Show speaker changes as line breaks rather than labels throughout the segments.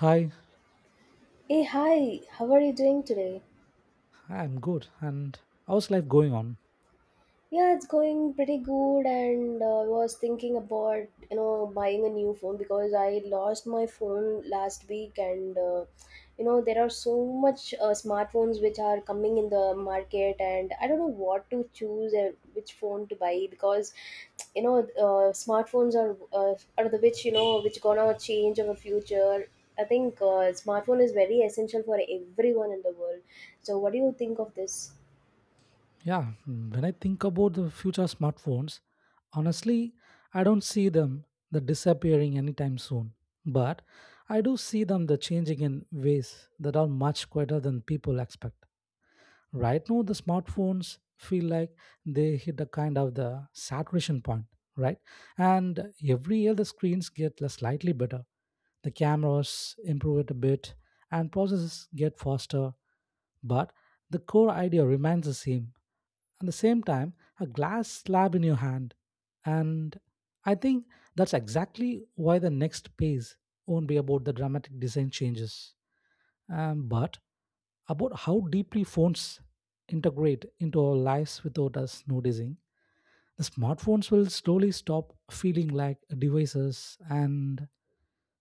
Hi,
Hey, hi, how are you doing today?
I'm good. And how's life going on?
Yeah, it's going pretty good, and I was thinking about buying a new phone because I lost my phone last week, and there are so much smartphones which are coming in the market, and I don't know what to choose and which phone to buy because smartphones are the which which gonna change our future. I think smartphone is very essential for everyone in the world. So, what do you think of this?
Yeah, when I think about the future smartphones, honestly, I don't see them the disappearing anytime soon. But I do see them the changing in ways that are much quieter than people expect. Right now the smartphones feel like they hit a kind of the saturation point, right, and every year the screens get less slightly better, the cameras improve it a bit, and processes get faster, but the core idea remains the same. At the same time, a glass slab in your hand, and I think that's exactly why the next phase won't be about the dramatic design changes, but about how deeply phones integrate into our lives without us noticing. The smartphones will slowly stop feeling like devices and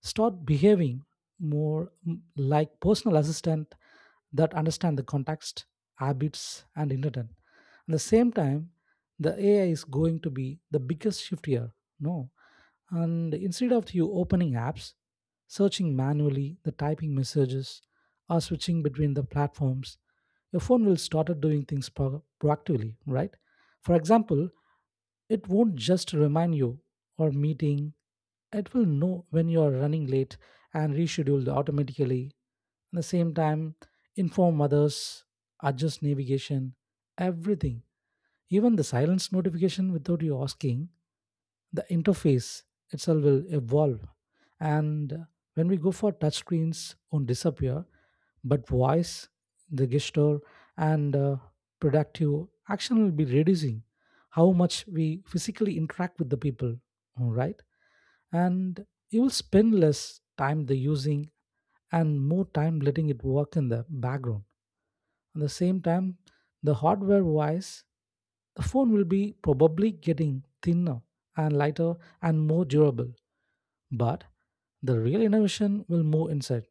start behaving more, like personal assistant that understand the context, habits, and intent. At the same time, the AI is going to be the biggest shift here. No, and instead of you opening apps, searching manually, the typing messages, or switching between the platforms, your phone will start doing things proactively, right? For example, it won't just remind you or meeting, it will know when you are running late and reschedule automatically. At the same time, inform others, adjust navigation, everything. Even the silence notification without you asking, the interface itself will evolve. And when we go for touch screens won't disappear, but voice, the gesture, and productive action will be reducing how much we physically interact with the people, all right, and you will spend less time the using and more time letting it work in the background. At the same time, the hardware wise, the phone will be probably getting thinner and lighter and more durable, but the real innovation will move inside,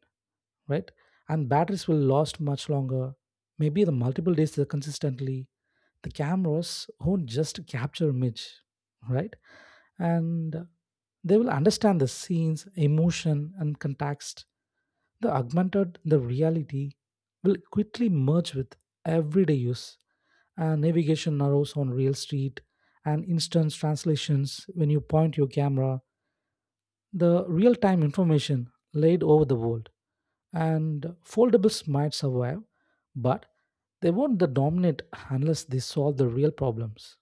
right, and batteries will last much longer, maybe the multiple days consistently. The cameras won't just capture image, right, and they will understand the scenes emotion and context. The augmented the reality will quickly merge with everyday use, and navigation arrows on real street, and instant translations when you point your camera, the real time information laid over the world. And foldables might survive, but they won't the dominate unless they solve the real problems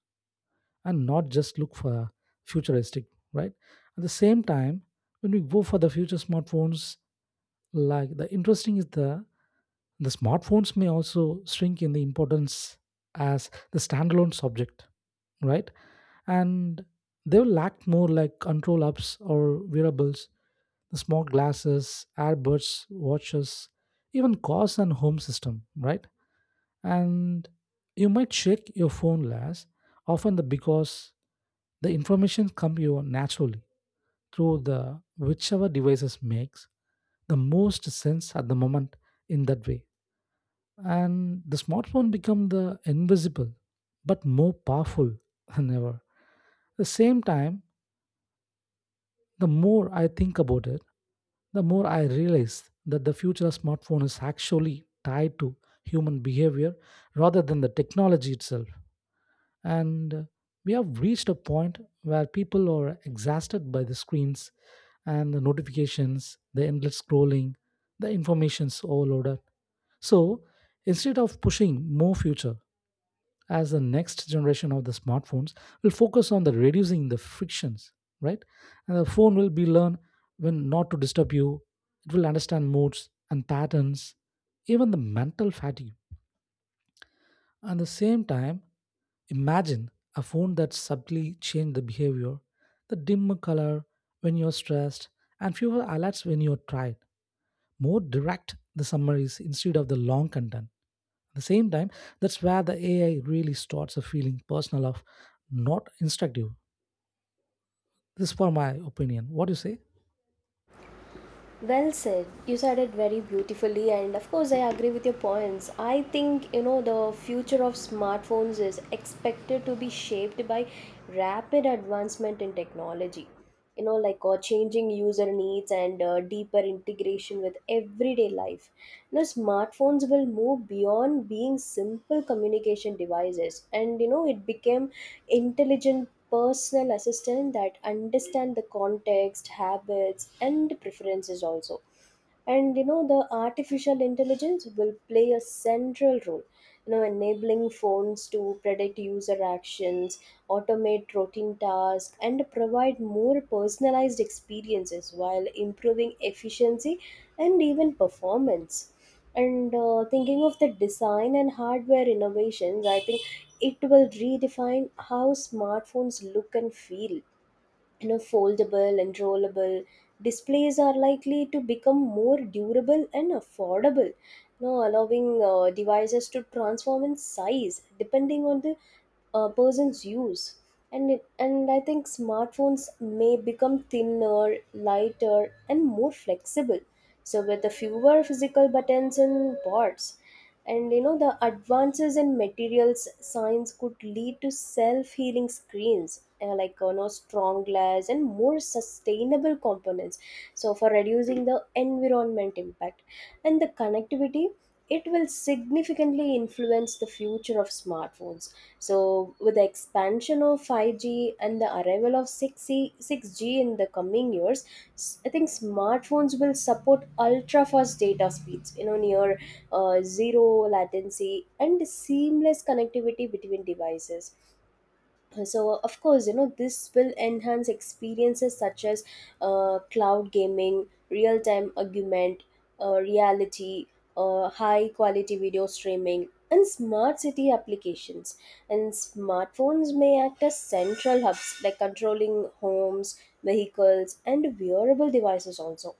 and not just look for futuristic, right? At the same time, when we go for the future smartphones, like, the interesting is the smartphones may also shrink in the importance as the standalone subject, right? And they will lack more like control apps or wearables, the smart glasses, earbuds, watches, even cars and home system, right? And you might check your phone less often the, because the information comes you naturally through the whichever devices makes the most sense at the moment, in that way. And the smartphone become the invisible but more powerful than ever. At the same time, the more I think about it, the more I realize that the future of smartphone is actually tied to human behavior rather than the technology itself. And We have reached a point where people are exhausted by the screens and the notifications, the endless scrolling, the information's overloaded. So instead of pushing more future, as the next generation of the smartphones will focus on the reducing the frictions, right, and the phone will be learn when not to disturb you, it will understand moods and patterns, even the mental fatigue. At the same time, imagine a phone that subtly changed the behavior, the dimmer color when you're stressed, and fewer alerts when you're tired, more direct the summaries instead of the long content. At the same time, that's where the AI really starts a feeling personal of not instructive. This is for my opinion. What do you say?
Well said. You said it very beautifully, and of course, I agree with your points. I think the future of smartphones is expected to be shaped by rapid advancement in technology. You know, like changing user needs and deeper integration with everyday life. Now, smartphones will move beyond being simple communication devices, and you know, it became intelligent personal assistant that understand the context, habits, and preferences also. And you know the artificial intelligence will play a central role, you know, enabling phones to predict user actions, automate routine tasks, and provide more personalized experiences while improving efficiency and even performance. And Thinking of the design and hardware innovations, I think it will redefine how smartphones look and feel. You know, foldable and rollable displays are likely to become more durable and affordable, now allowing devices to transform in size depending on the person's use. And I think smartphones may become thinner, lighter, and more flexible, so with the fewer physical buttons and ports. And you know the advances in materials science could lead to self-healing screens, like you know strong glass and more sustainable components, so for reducing the environment impact. And the connectivity, it will significantly influence the future of smartphones. So, with the expansion of 5G and the arrival of 6G, 6G in the coming years, I think smartphones will support ultra fast data speeds, you know, near zero latency and seamless connectivity between devices. So of course, you know this will enhance experiences such as cloud gaming, real time augment reality, high quality video streaming, and smart city applications. And smartphones may act as central hubs like controlling homes, vehicles, and wearable devices also.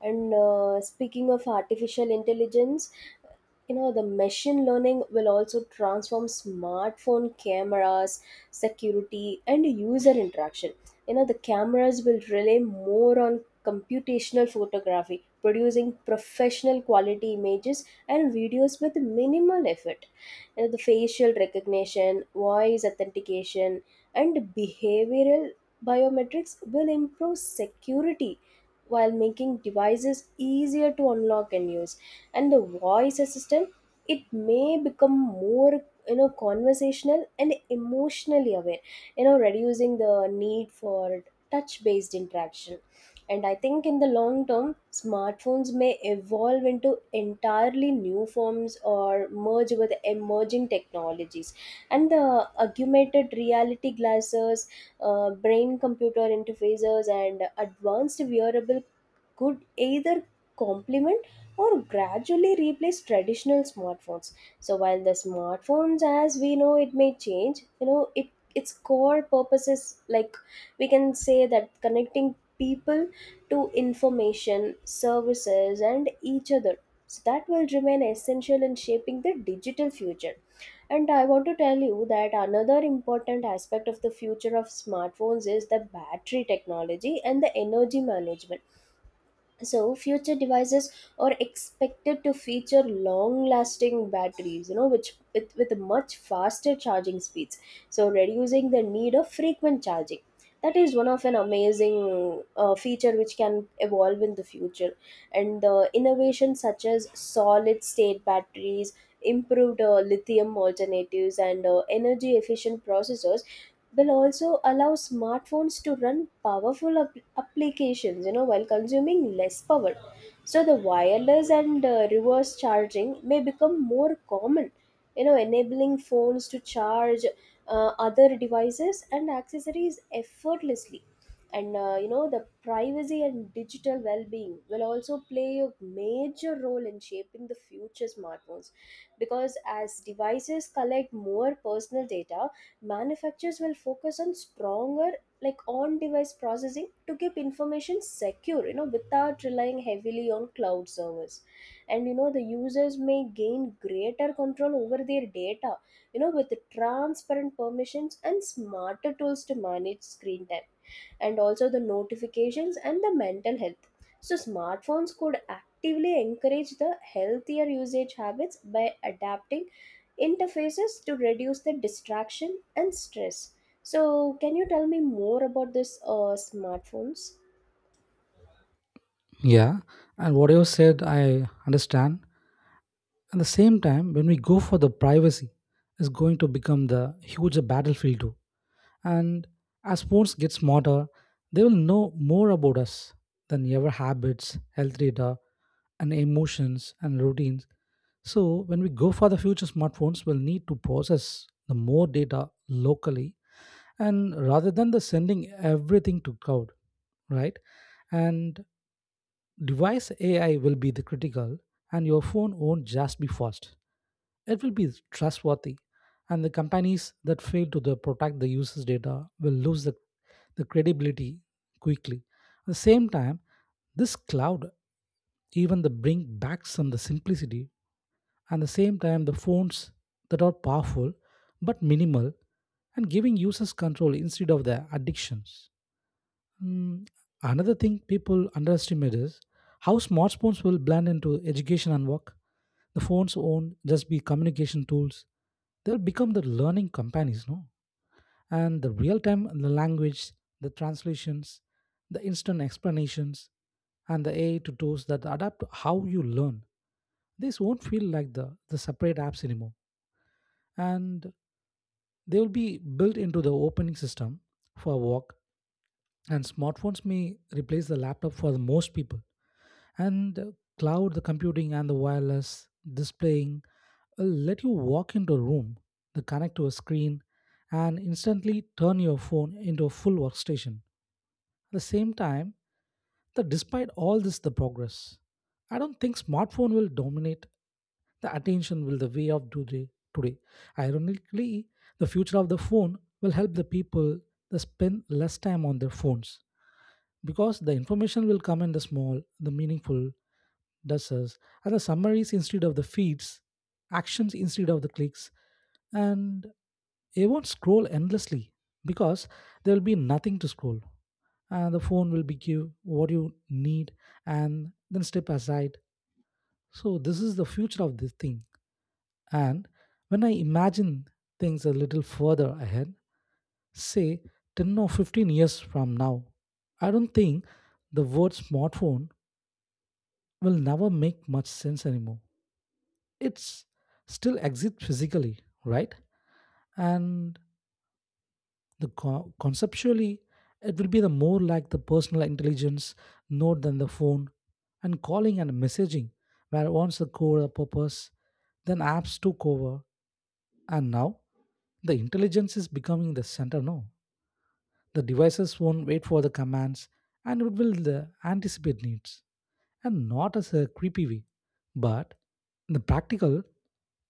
And Speaking of artificial intelligence, you know the machine learning will also transform smartphone cameras, security, and user interaction. You know the cameras will rely more on computational photography, producing professional quality images and videos with minimal effort. You know the facial recognition, voice authentication, and behavioral biometrics will improve security while making devices easier to unlock and use. And the voice assistant, it may become more, you know, conversational and emotionally aware, you know, reducing the need for touch based interaction. And I think in the long term, smartphones may evolve into entirely new forms or merge with emerging technologies. And the augmented reality glasses, brain computer interfaces, and advanced wearable could either complement or gradually replace traditional smartphones. So while the smartphones as we know it may change, you know, it its core purpose is like, we can say that connecting people to information services and each other, so that will remain essential in shaping the digital future. And I want to tell you that another important aspect of the future of smartphones is the battery technology and the energy management. So future devices are expected to feature long lasting batteries, you know, which with much faster charging speeds, so reducing the need of frequent charging. That is one of an amazing feature which can evolve in the future. And the innovations such as solid state batteries, improved lithium alternatives, and energy efficient processors will also allow smartphones to run powerful applications, you know, while consuming less power. So the wireless and reverse charging may become more common, you know, enabling phones to charge other devices and accessories effortlessly. And You know the privacy and digital well-being will also play a major role in shaping the future smartphones, because as devices collect more personal data, manufacturers will focus on stronger, like on device processing to keep information secure, you know, without relying heavily on cloud servers. And you know the users may gain greater control over their data, you know, with transparent permissions and smarter tools to manage screen time, and also the notifications and the mental health. So smartphones could actively encourage the healthier usage habits by adapting interfaces to reduce the distraction and stress. So, can you tell me more about this smartphones?
Yeah, and what you said, I understand. At the same time, when we go for the privacy, is going to become the huge battlefield too. And as sports get smarter, they will know more about us than ever, habits, health data, and emotions and routines. So when we go for the future smartphones, will need to process the more data locally and rather than the sending everything to cloud, right? And device AI will be the critical, and your phone won't just be fast. It will be trustworthy, and the companies that fail to the protect the users' data will lose the credibility quickly. At the same time, this cloud even the bring back some the simplicity, and the same time the phones that are powerful but minimal, and giving users control instead of their addictions. Mm, another thing people underestimate is how smartphones will blend into education and work. The phones won't just be communication tools, they'll become the learning companies, no? And the real time, the language, the translations, the instant explanations, and the AI to tools that adapt to how you learn. These won't feel like the separate apps anymore. And they will be built into the opening system for work. And smartphones may replace the laptop for the most people. And cloud the computing and the wireless displaying will let you walk into a room, the connect to a screen, and instantly turn your phone into a full workstation. At the same time, that despite all this the progress, I don't think smartphone will dominate the attention will the way of today. today Ironically, the future of the phone will help the people to spend less time on their phones, because the information will come in the small, the meaningful doses, and the summaries instead of the feeds, actions instead of the clicks, and they won't scroll endlessly because there will be nothing to scroll. And the phone will be give what you need and then step aside. So this is the future of this thing. And when I imagine things a little further ahead, say 10 or 15 years from now, I don't think the word smartphone will never make much sense anymore. It's still exists physically, right? And the conceptually, it will be the more like the personal intelligence node than the phone, and calling and messaging, where once the core purpose, then apps took over, and now the intelligence is becoming the center now. The devices won't wait for the commands, and it will anticipate needs. And not as a creepy way, but in the practical,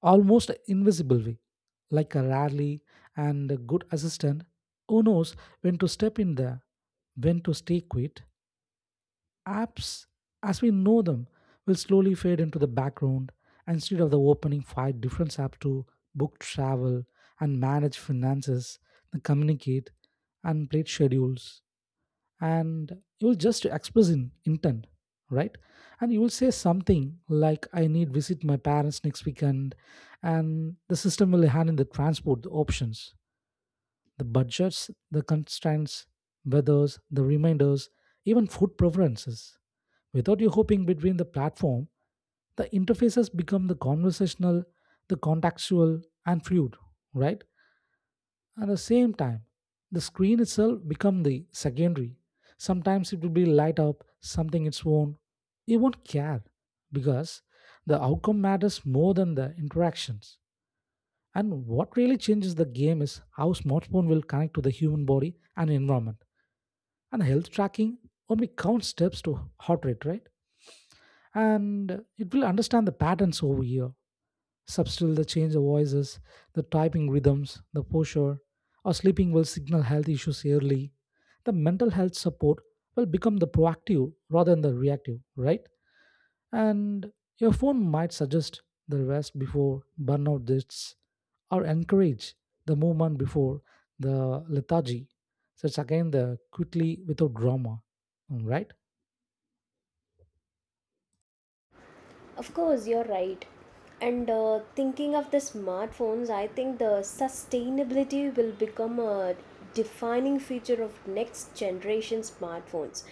almost invisible way, like a rally and a good assistant who knows when to step in there, when to stay quiet. Apps, as we know them, will slowly fade into the background, and instead of the opening five different apps to book travel and manage finances, and communicate and plate schedules, and you will just express in intent, right, and you will say something like, I need visit my parents next weekend, and the system will handle the transport, the options, the budgets, the constraints, weathers, the reminders, even food preferences, without you hopping between the platform. The interfaces become the conversational, the contextual, and fluid, right? At the same time, the screen itself become the secondary. Sometimes it will be light up, something its own. You won't care because the outcome matters more than the interactions. And what really changes the game is how smartphone will connect to the human body and environment. And health tracking only counts steps to heart rate, right? And it will understand the patterns over here. Subtle the change of voices, the typing rhythms, the posture, or sleeping will signal health issues early. The mental health support will become the proactive rather than the reactive, right? And your phone might suggest the rest before burnout hits, or encourage the movement before the lethargy. So it's again the quickly without drama, right?
Of course, you're right. And Thinking of the smartphones, I think the sustainability will become a defining feature of next generation smartphones.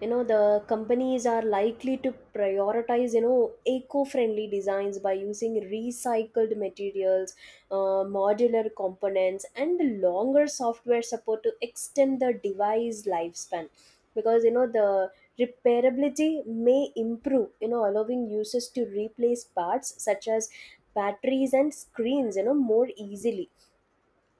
You know, the companies are likely to prioritize, you know, eco-friendly designs by using recycled materials, modular components, and the longer software support to extend the device lifespan. Because you know the repairability may improve, you know, allowing users to replace parts such as batteries and screens, you know, more easily.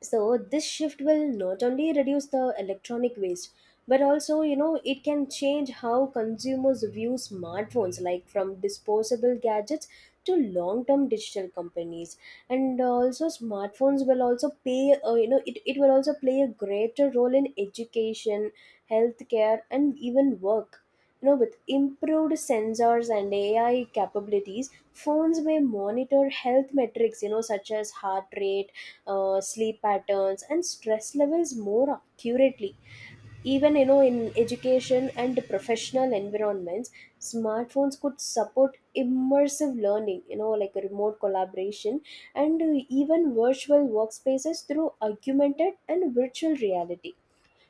So this shift will not only reduce the electronic waste, but also, you know, it can change how consumers view smartphones like from disposable gadgets to long-term digital companies. And also smartphones will also play, uh, it will also play a greater role in education, healthcare, and even work. You know, with improved sensors and AI capabilities, phones may monitor health metrics, you know, such as heart rate, sleep patterns, and stress levels more accurately. Even you know in education and professional environments, smartphones could support immersive learning, you know, like remote collaboration and even virtual workspaces through augmented and virtual reality.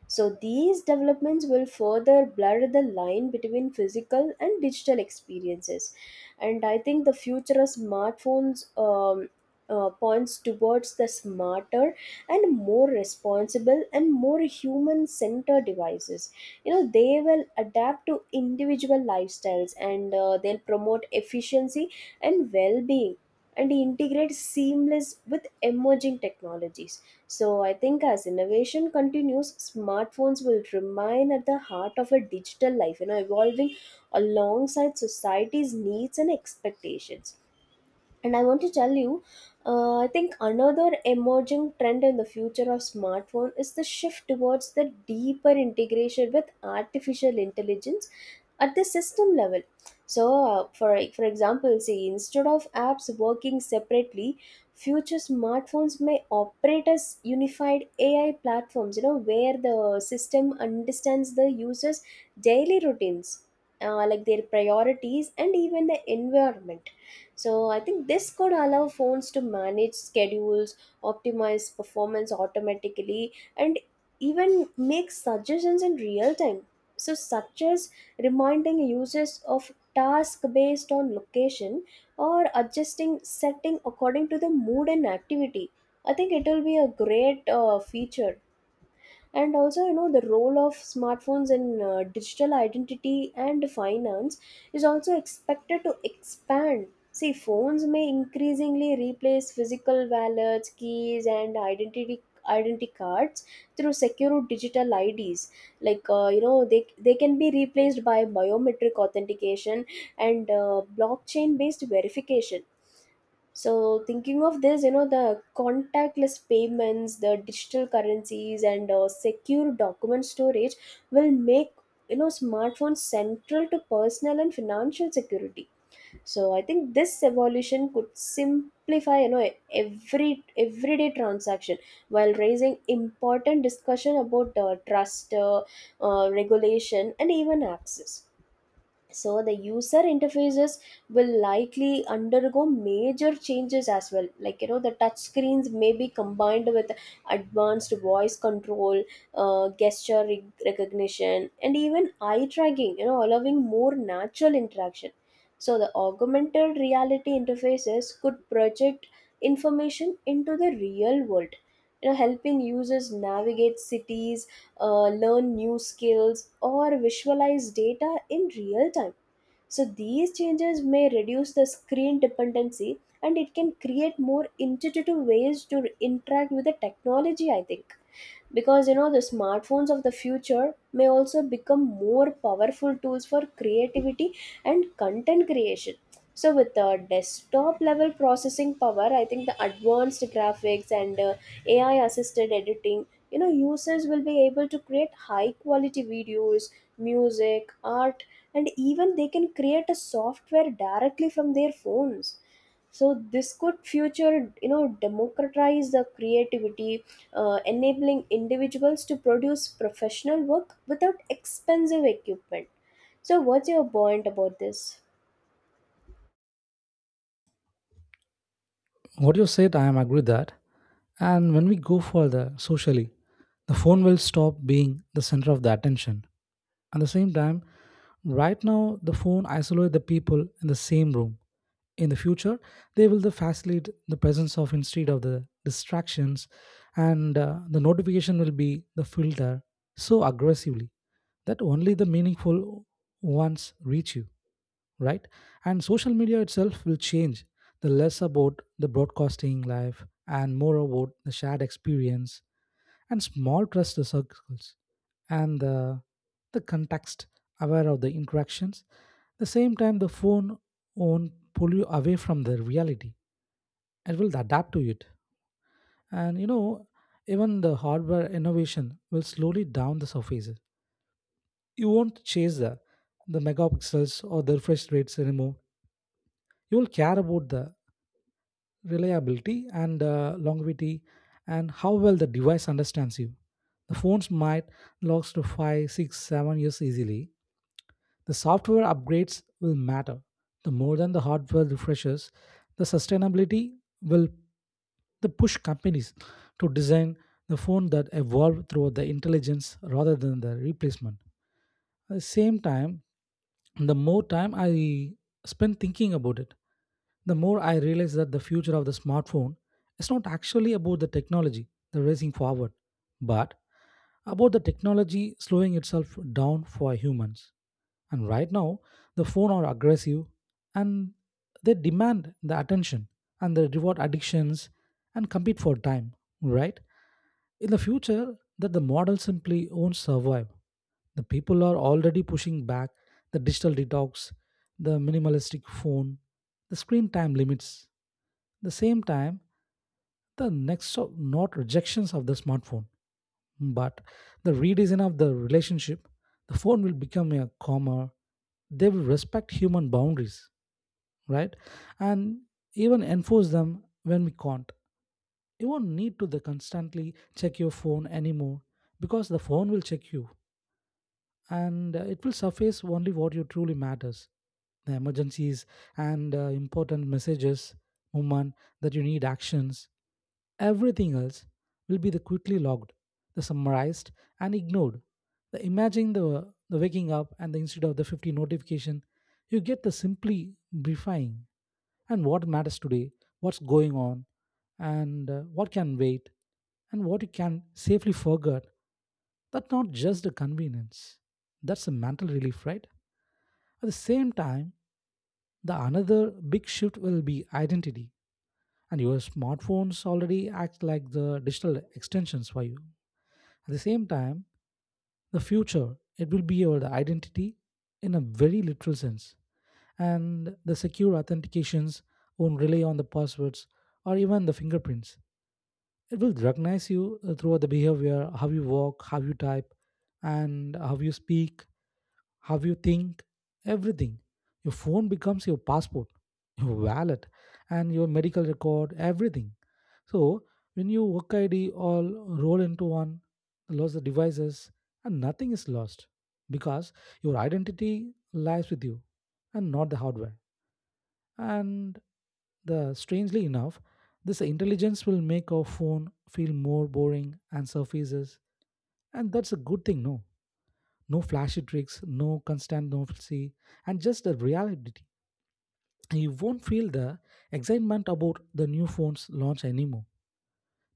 So, these developments will further blur the line between physical and digital experiences. And I think the future of smartphones points towards the smarter and more responsible and more human centered devices. You know, they will adapt to individual lifestyles, and they'll promote efficiency and well being, and integrate seamless with emerging technologies. So I think as innovation continues, smartphones will remain at the heart of a digital life, you know, evolving alongside society's needs and expectations. And I want to tell you, I think another emerging trend in the future of smartphone is the shift towards the deeper integration with artificial intelligence at the system level. So, uh, for for example, say instead of apps working separately, future smartphones may operate as unified AI platforms. You know where the system understands the user's daily routines, like their priorities, and even the environment. So I think this could allow phones to manage schedules, optimize performance automatically, and even make suggestions in real time. So, such as reminding users of task based on location or adjusting setting according to the mood and activity. I think it will be a great feature. And also you know the role of smartphones in digital identity and finance is also expected to expand. See, phones may increasingly replace physical wallets, keys, and identity cards through secure digital IDs, like you know they can be replaced by biometric authentication and blockchain based verification. So thinking of this, you know, the contactless payments, the digital currencies, and secure document storage will make, you know, smartphones central to personal and financial security. So I think this evolution could simplify, you know, everyday transaction while raising important discussion about trust, regulation, and even access. So the user interfaces will likely undergo major changes as well, like you know the touch screens may be combined with advanced voice control, gesture recognition, and even eye tracking, you know, allowing more natural interaction. So the augmented reality interfaces could project information into the real world, you know, helping users navigate cities, learn new skills, or visualize data in real time. So, these changes may reduce the screen dependency and it can create more intuitive ways to interact with the technology, I think. Because you know, the smartphones of the future may also become more powerful tools for creativity and content creation. So, with the desktop level processing power, I think the advanced graphics and AI assisted editing, you know, users will be able to create high quality videos, music, art, and even they can create a software directly from their phones. So this could future, you know, democratize the creativity, enabling individuals to produce professional work without expensive equipment. So what's your point about this?
What you said, I am agree that. And when we go further socially, the phone will stop being the center of the attention. At the same time, right now the phone isolate the people in the same room. In the future, they will the facilitate the presence of instead of the distractions, and the notification will be the filter so aggressively that only the meaningful ones reach you, right? And social media itself will change, the less about the broadcasting life and more about the shared experience, and small trust circles, and the context aware of the interactions. The same time, the phone won't pull you away from the reality. It will adapt to it. And you know, even the hardware innovation will slowly down the surfaces. You won't chase the megapixels or the refresh rates anymore. You will care about the reliability and longevity and how well the device understands you. The phones might last to five, six, 7 years easily. The software upgrades will matter the more than the hardware refreshes. The sustainability will the push companies to design the phone that evolve through the intelligence rather than the replacement. At the same time, the more time I spend thinking about it, the more I realize that the future of the smartphone is not actually about the technology, the racing forward, but about the technology slowing itself down for humans. And right now, the phone are aggressive and they demand the attention and they reward addictions and compete for time, right? In the future, that the model simply won't survive. The people are already pushing back the digital detox, the minimalistic phone, the screen time limits. The same time, the next not rejections of the smartphone. But the redesign of the relationship, the phone will become a calmer. They will respect human boundaries, right? And even enforce them when we can't. You won't need to the constantly check your phone anymore because the phone will check you and it will surface only what you truly matters, the emergencies and important messages, moment that you need actions. Everything else will be the quickly logged, the summarized and ignored. The imagine the waking up and the instead of the 50 notification, you get the simply briefing and what matters today, what's going on, and what can wait, and what you can safely forget. That's not just a convenience. That's a mental relief, right? At the same time, the another big shift will be identity. And your smartphones already act like the digital extensions for you. At the same time, the future, it will be your identity in a very literal sense. And the secure authentications won't rely on the passwords or even the fingerprints. It will recognize you throughout the behavior, how you walk, how you type, and how you speak, how you think, everything. Your phone becomes your passport, your wallet, and your medical record, everything. So when you work ID all roll into one, lost the devices, and nothing is lost because your identity lies with you and not the hardware. And the strangely enough, this intelligence will make our phone feel more boring and surfaces, and that's a good thing. No, no flashy tricks, no constant novelty, and just the reality. You won't feel the excitement about the new phone's launch anymore.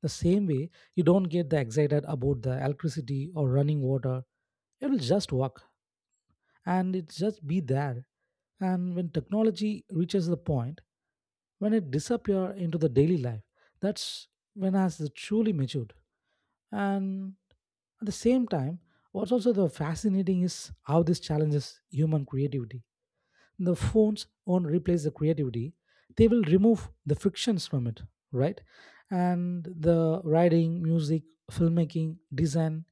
The same way, you don't get the excited about the electricity or running water. It will just work and it just be there. And when technology reaches the point when it disappears into the daily life, that's when has it truly matured. And at the same time, what's also the fascinating is how this challenges human creativity. The phones won't replace the creativity, they will remove the frictions from it, right? And the writing, music, filmmaking, design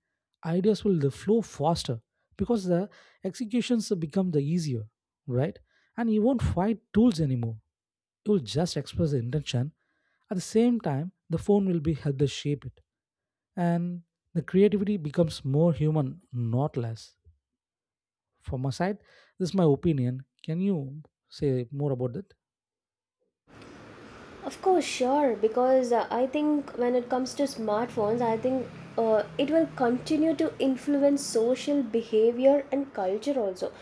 ideas will the flow faster because the executions become the easier, right? And you won't fight tools anymore, you will just express the intention. At the same time, the phone will be help the shape it. And the creativity becomes more human, not less. From my side, this is my opinion. Can you say more about that?
Of course, sure, because I think when it comes to smartphones, I think it will continue to influence social behavior and culture also.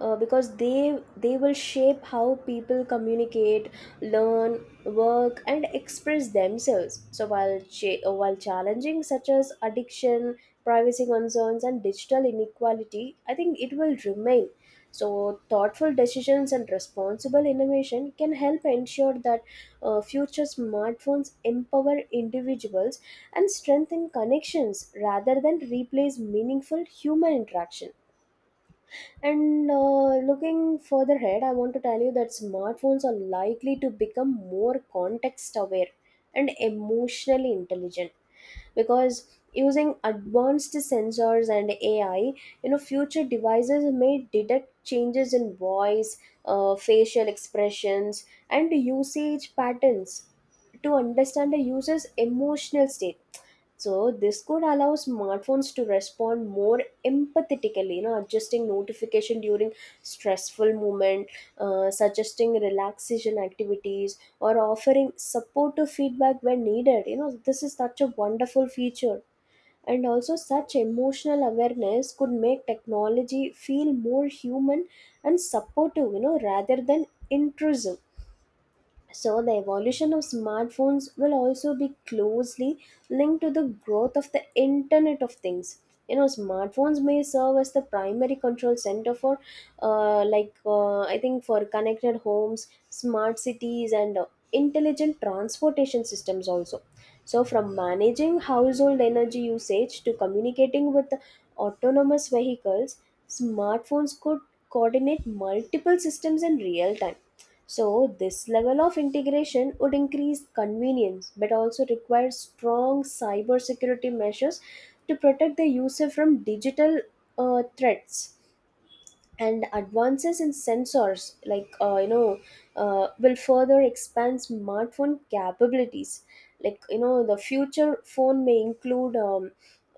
Because they will shape how people communicate, learn, work, and express themselves. So while while challenging such as addiction, privacy concerns, and digital inequality, I think it will remain. So thoughtful decisions and responsible innovation can help ensure that future smartphones empower individuals and strengthen connections rather than replace meaningful human interaction. And looking further ahead, I want to tell you that smartphones are likely to become more context aware and emotionally intelligent because using advanced sensors and AI, you know, future devices may detect changes in voice, facial expressions, and usage patterns to understand a user's emotional state. So this could allow smartphones to respond more empathetically, you know, adjusting notification during stressful moment, suggesting relaxation activities, or offering supportive feedback when needed. You know, this is such a wonderful feature, and also such emotional awareness could make technology feel more human and supportive, you know, rather than intrusive. So the evolution of smartphones will also be closely linked to the growth of the Internet of Things. You know, smartphones may serve as the primary control center for, I think, for connected homes, smart cities, and intelligent transportation systems also. So, from managing household energy usage to communicating with autonomous vehicles, smartphones could coordinate multiple systems in real time. So this level of integration would increase convenience but also requires strong cybersecurity measures to protect the user from digital threats. And advances in sensors, like, will further expand smartphone capabilities. Like, you know, the future phone may include um,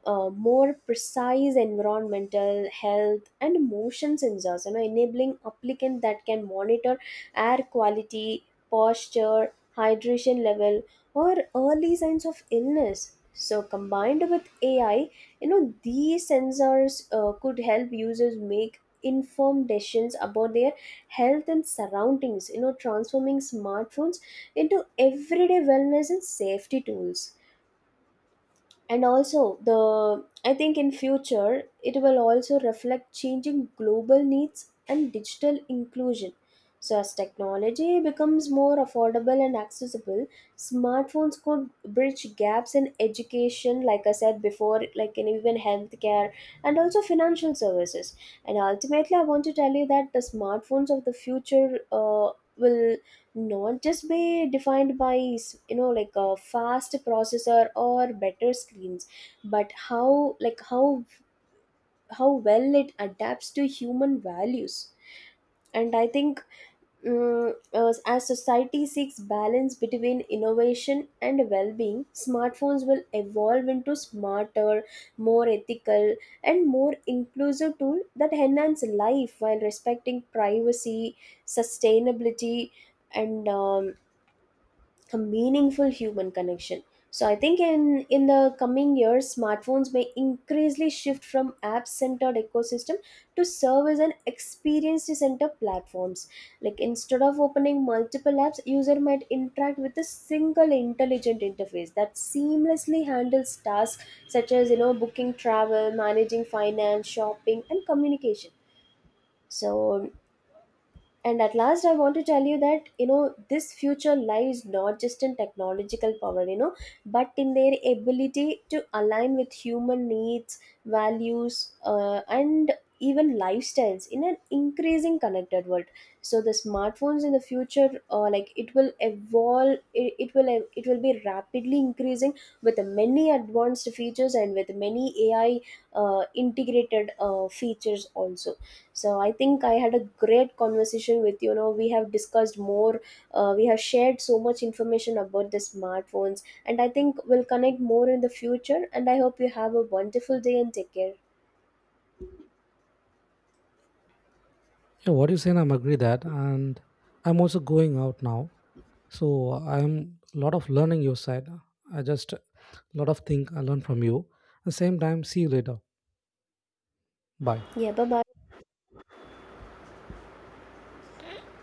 uh, more precise environmental health and motion sensors, you know, enabling applicant that can monitor air quality, posture, hydration level, or early signs of illness. So, combined with AI, you know, these sensors could help users make informed decisions about their health and surroundings, you know, transforming smartphones into everyday wellness and safety tools. And also, the I think in future it will also reflect changing global needs and digital inclusion. So as technology becomes more affordable and accessible, smartphones could bridge gaps in education, like I said before, like in even healthcare and also financial services. And ultimately, I want to tell you that the smartphones of the future uh, will not just be defined by, you know, like a fast processor or better screens, but how, like how well it adapts to human values. And I think, as society seeks balance between innovation and well-being, smartphones will evolve into smarter, more ethical, and more inclusive tool that enhance life while respecting privacy, sustainability, and a meaningful human connection. So I think in the coming years, smartphones may increasingly shift from app-centered ecosystem to serve as an experience-centered platforms. Like, instead of opening multiple apps, user might interact with a single intelligent interface that seamlessly handles tasks such as, you know, booking travel, managing finance, shopping, and communication. So, and at last, I want to tell you that, you know, this future lies not just in technological power, you know, but in their ability to align with human needs, values, and even lifestyles in an increasing connected world. So the smartphones in the future, like, it will evolve, it will be rapidly increasing with the many advanced features and with many AI integrated features also. So I think I had a great conversation with, you know, we have discussed more, we have shared so much information about the smartphones, and I think we'll connect more in the future, and I hope you have a wonderful day and take care.
Yeah, what you saying, I'm agree that, and I'm also going out now, so I'm lot of learning your side. I just lot of thing I learn from you. At the same time, see you later. Bye.
Yeah, bye bye.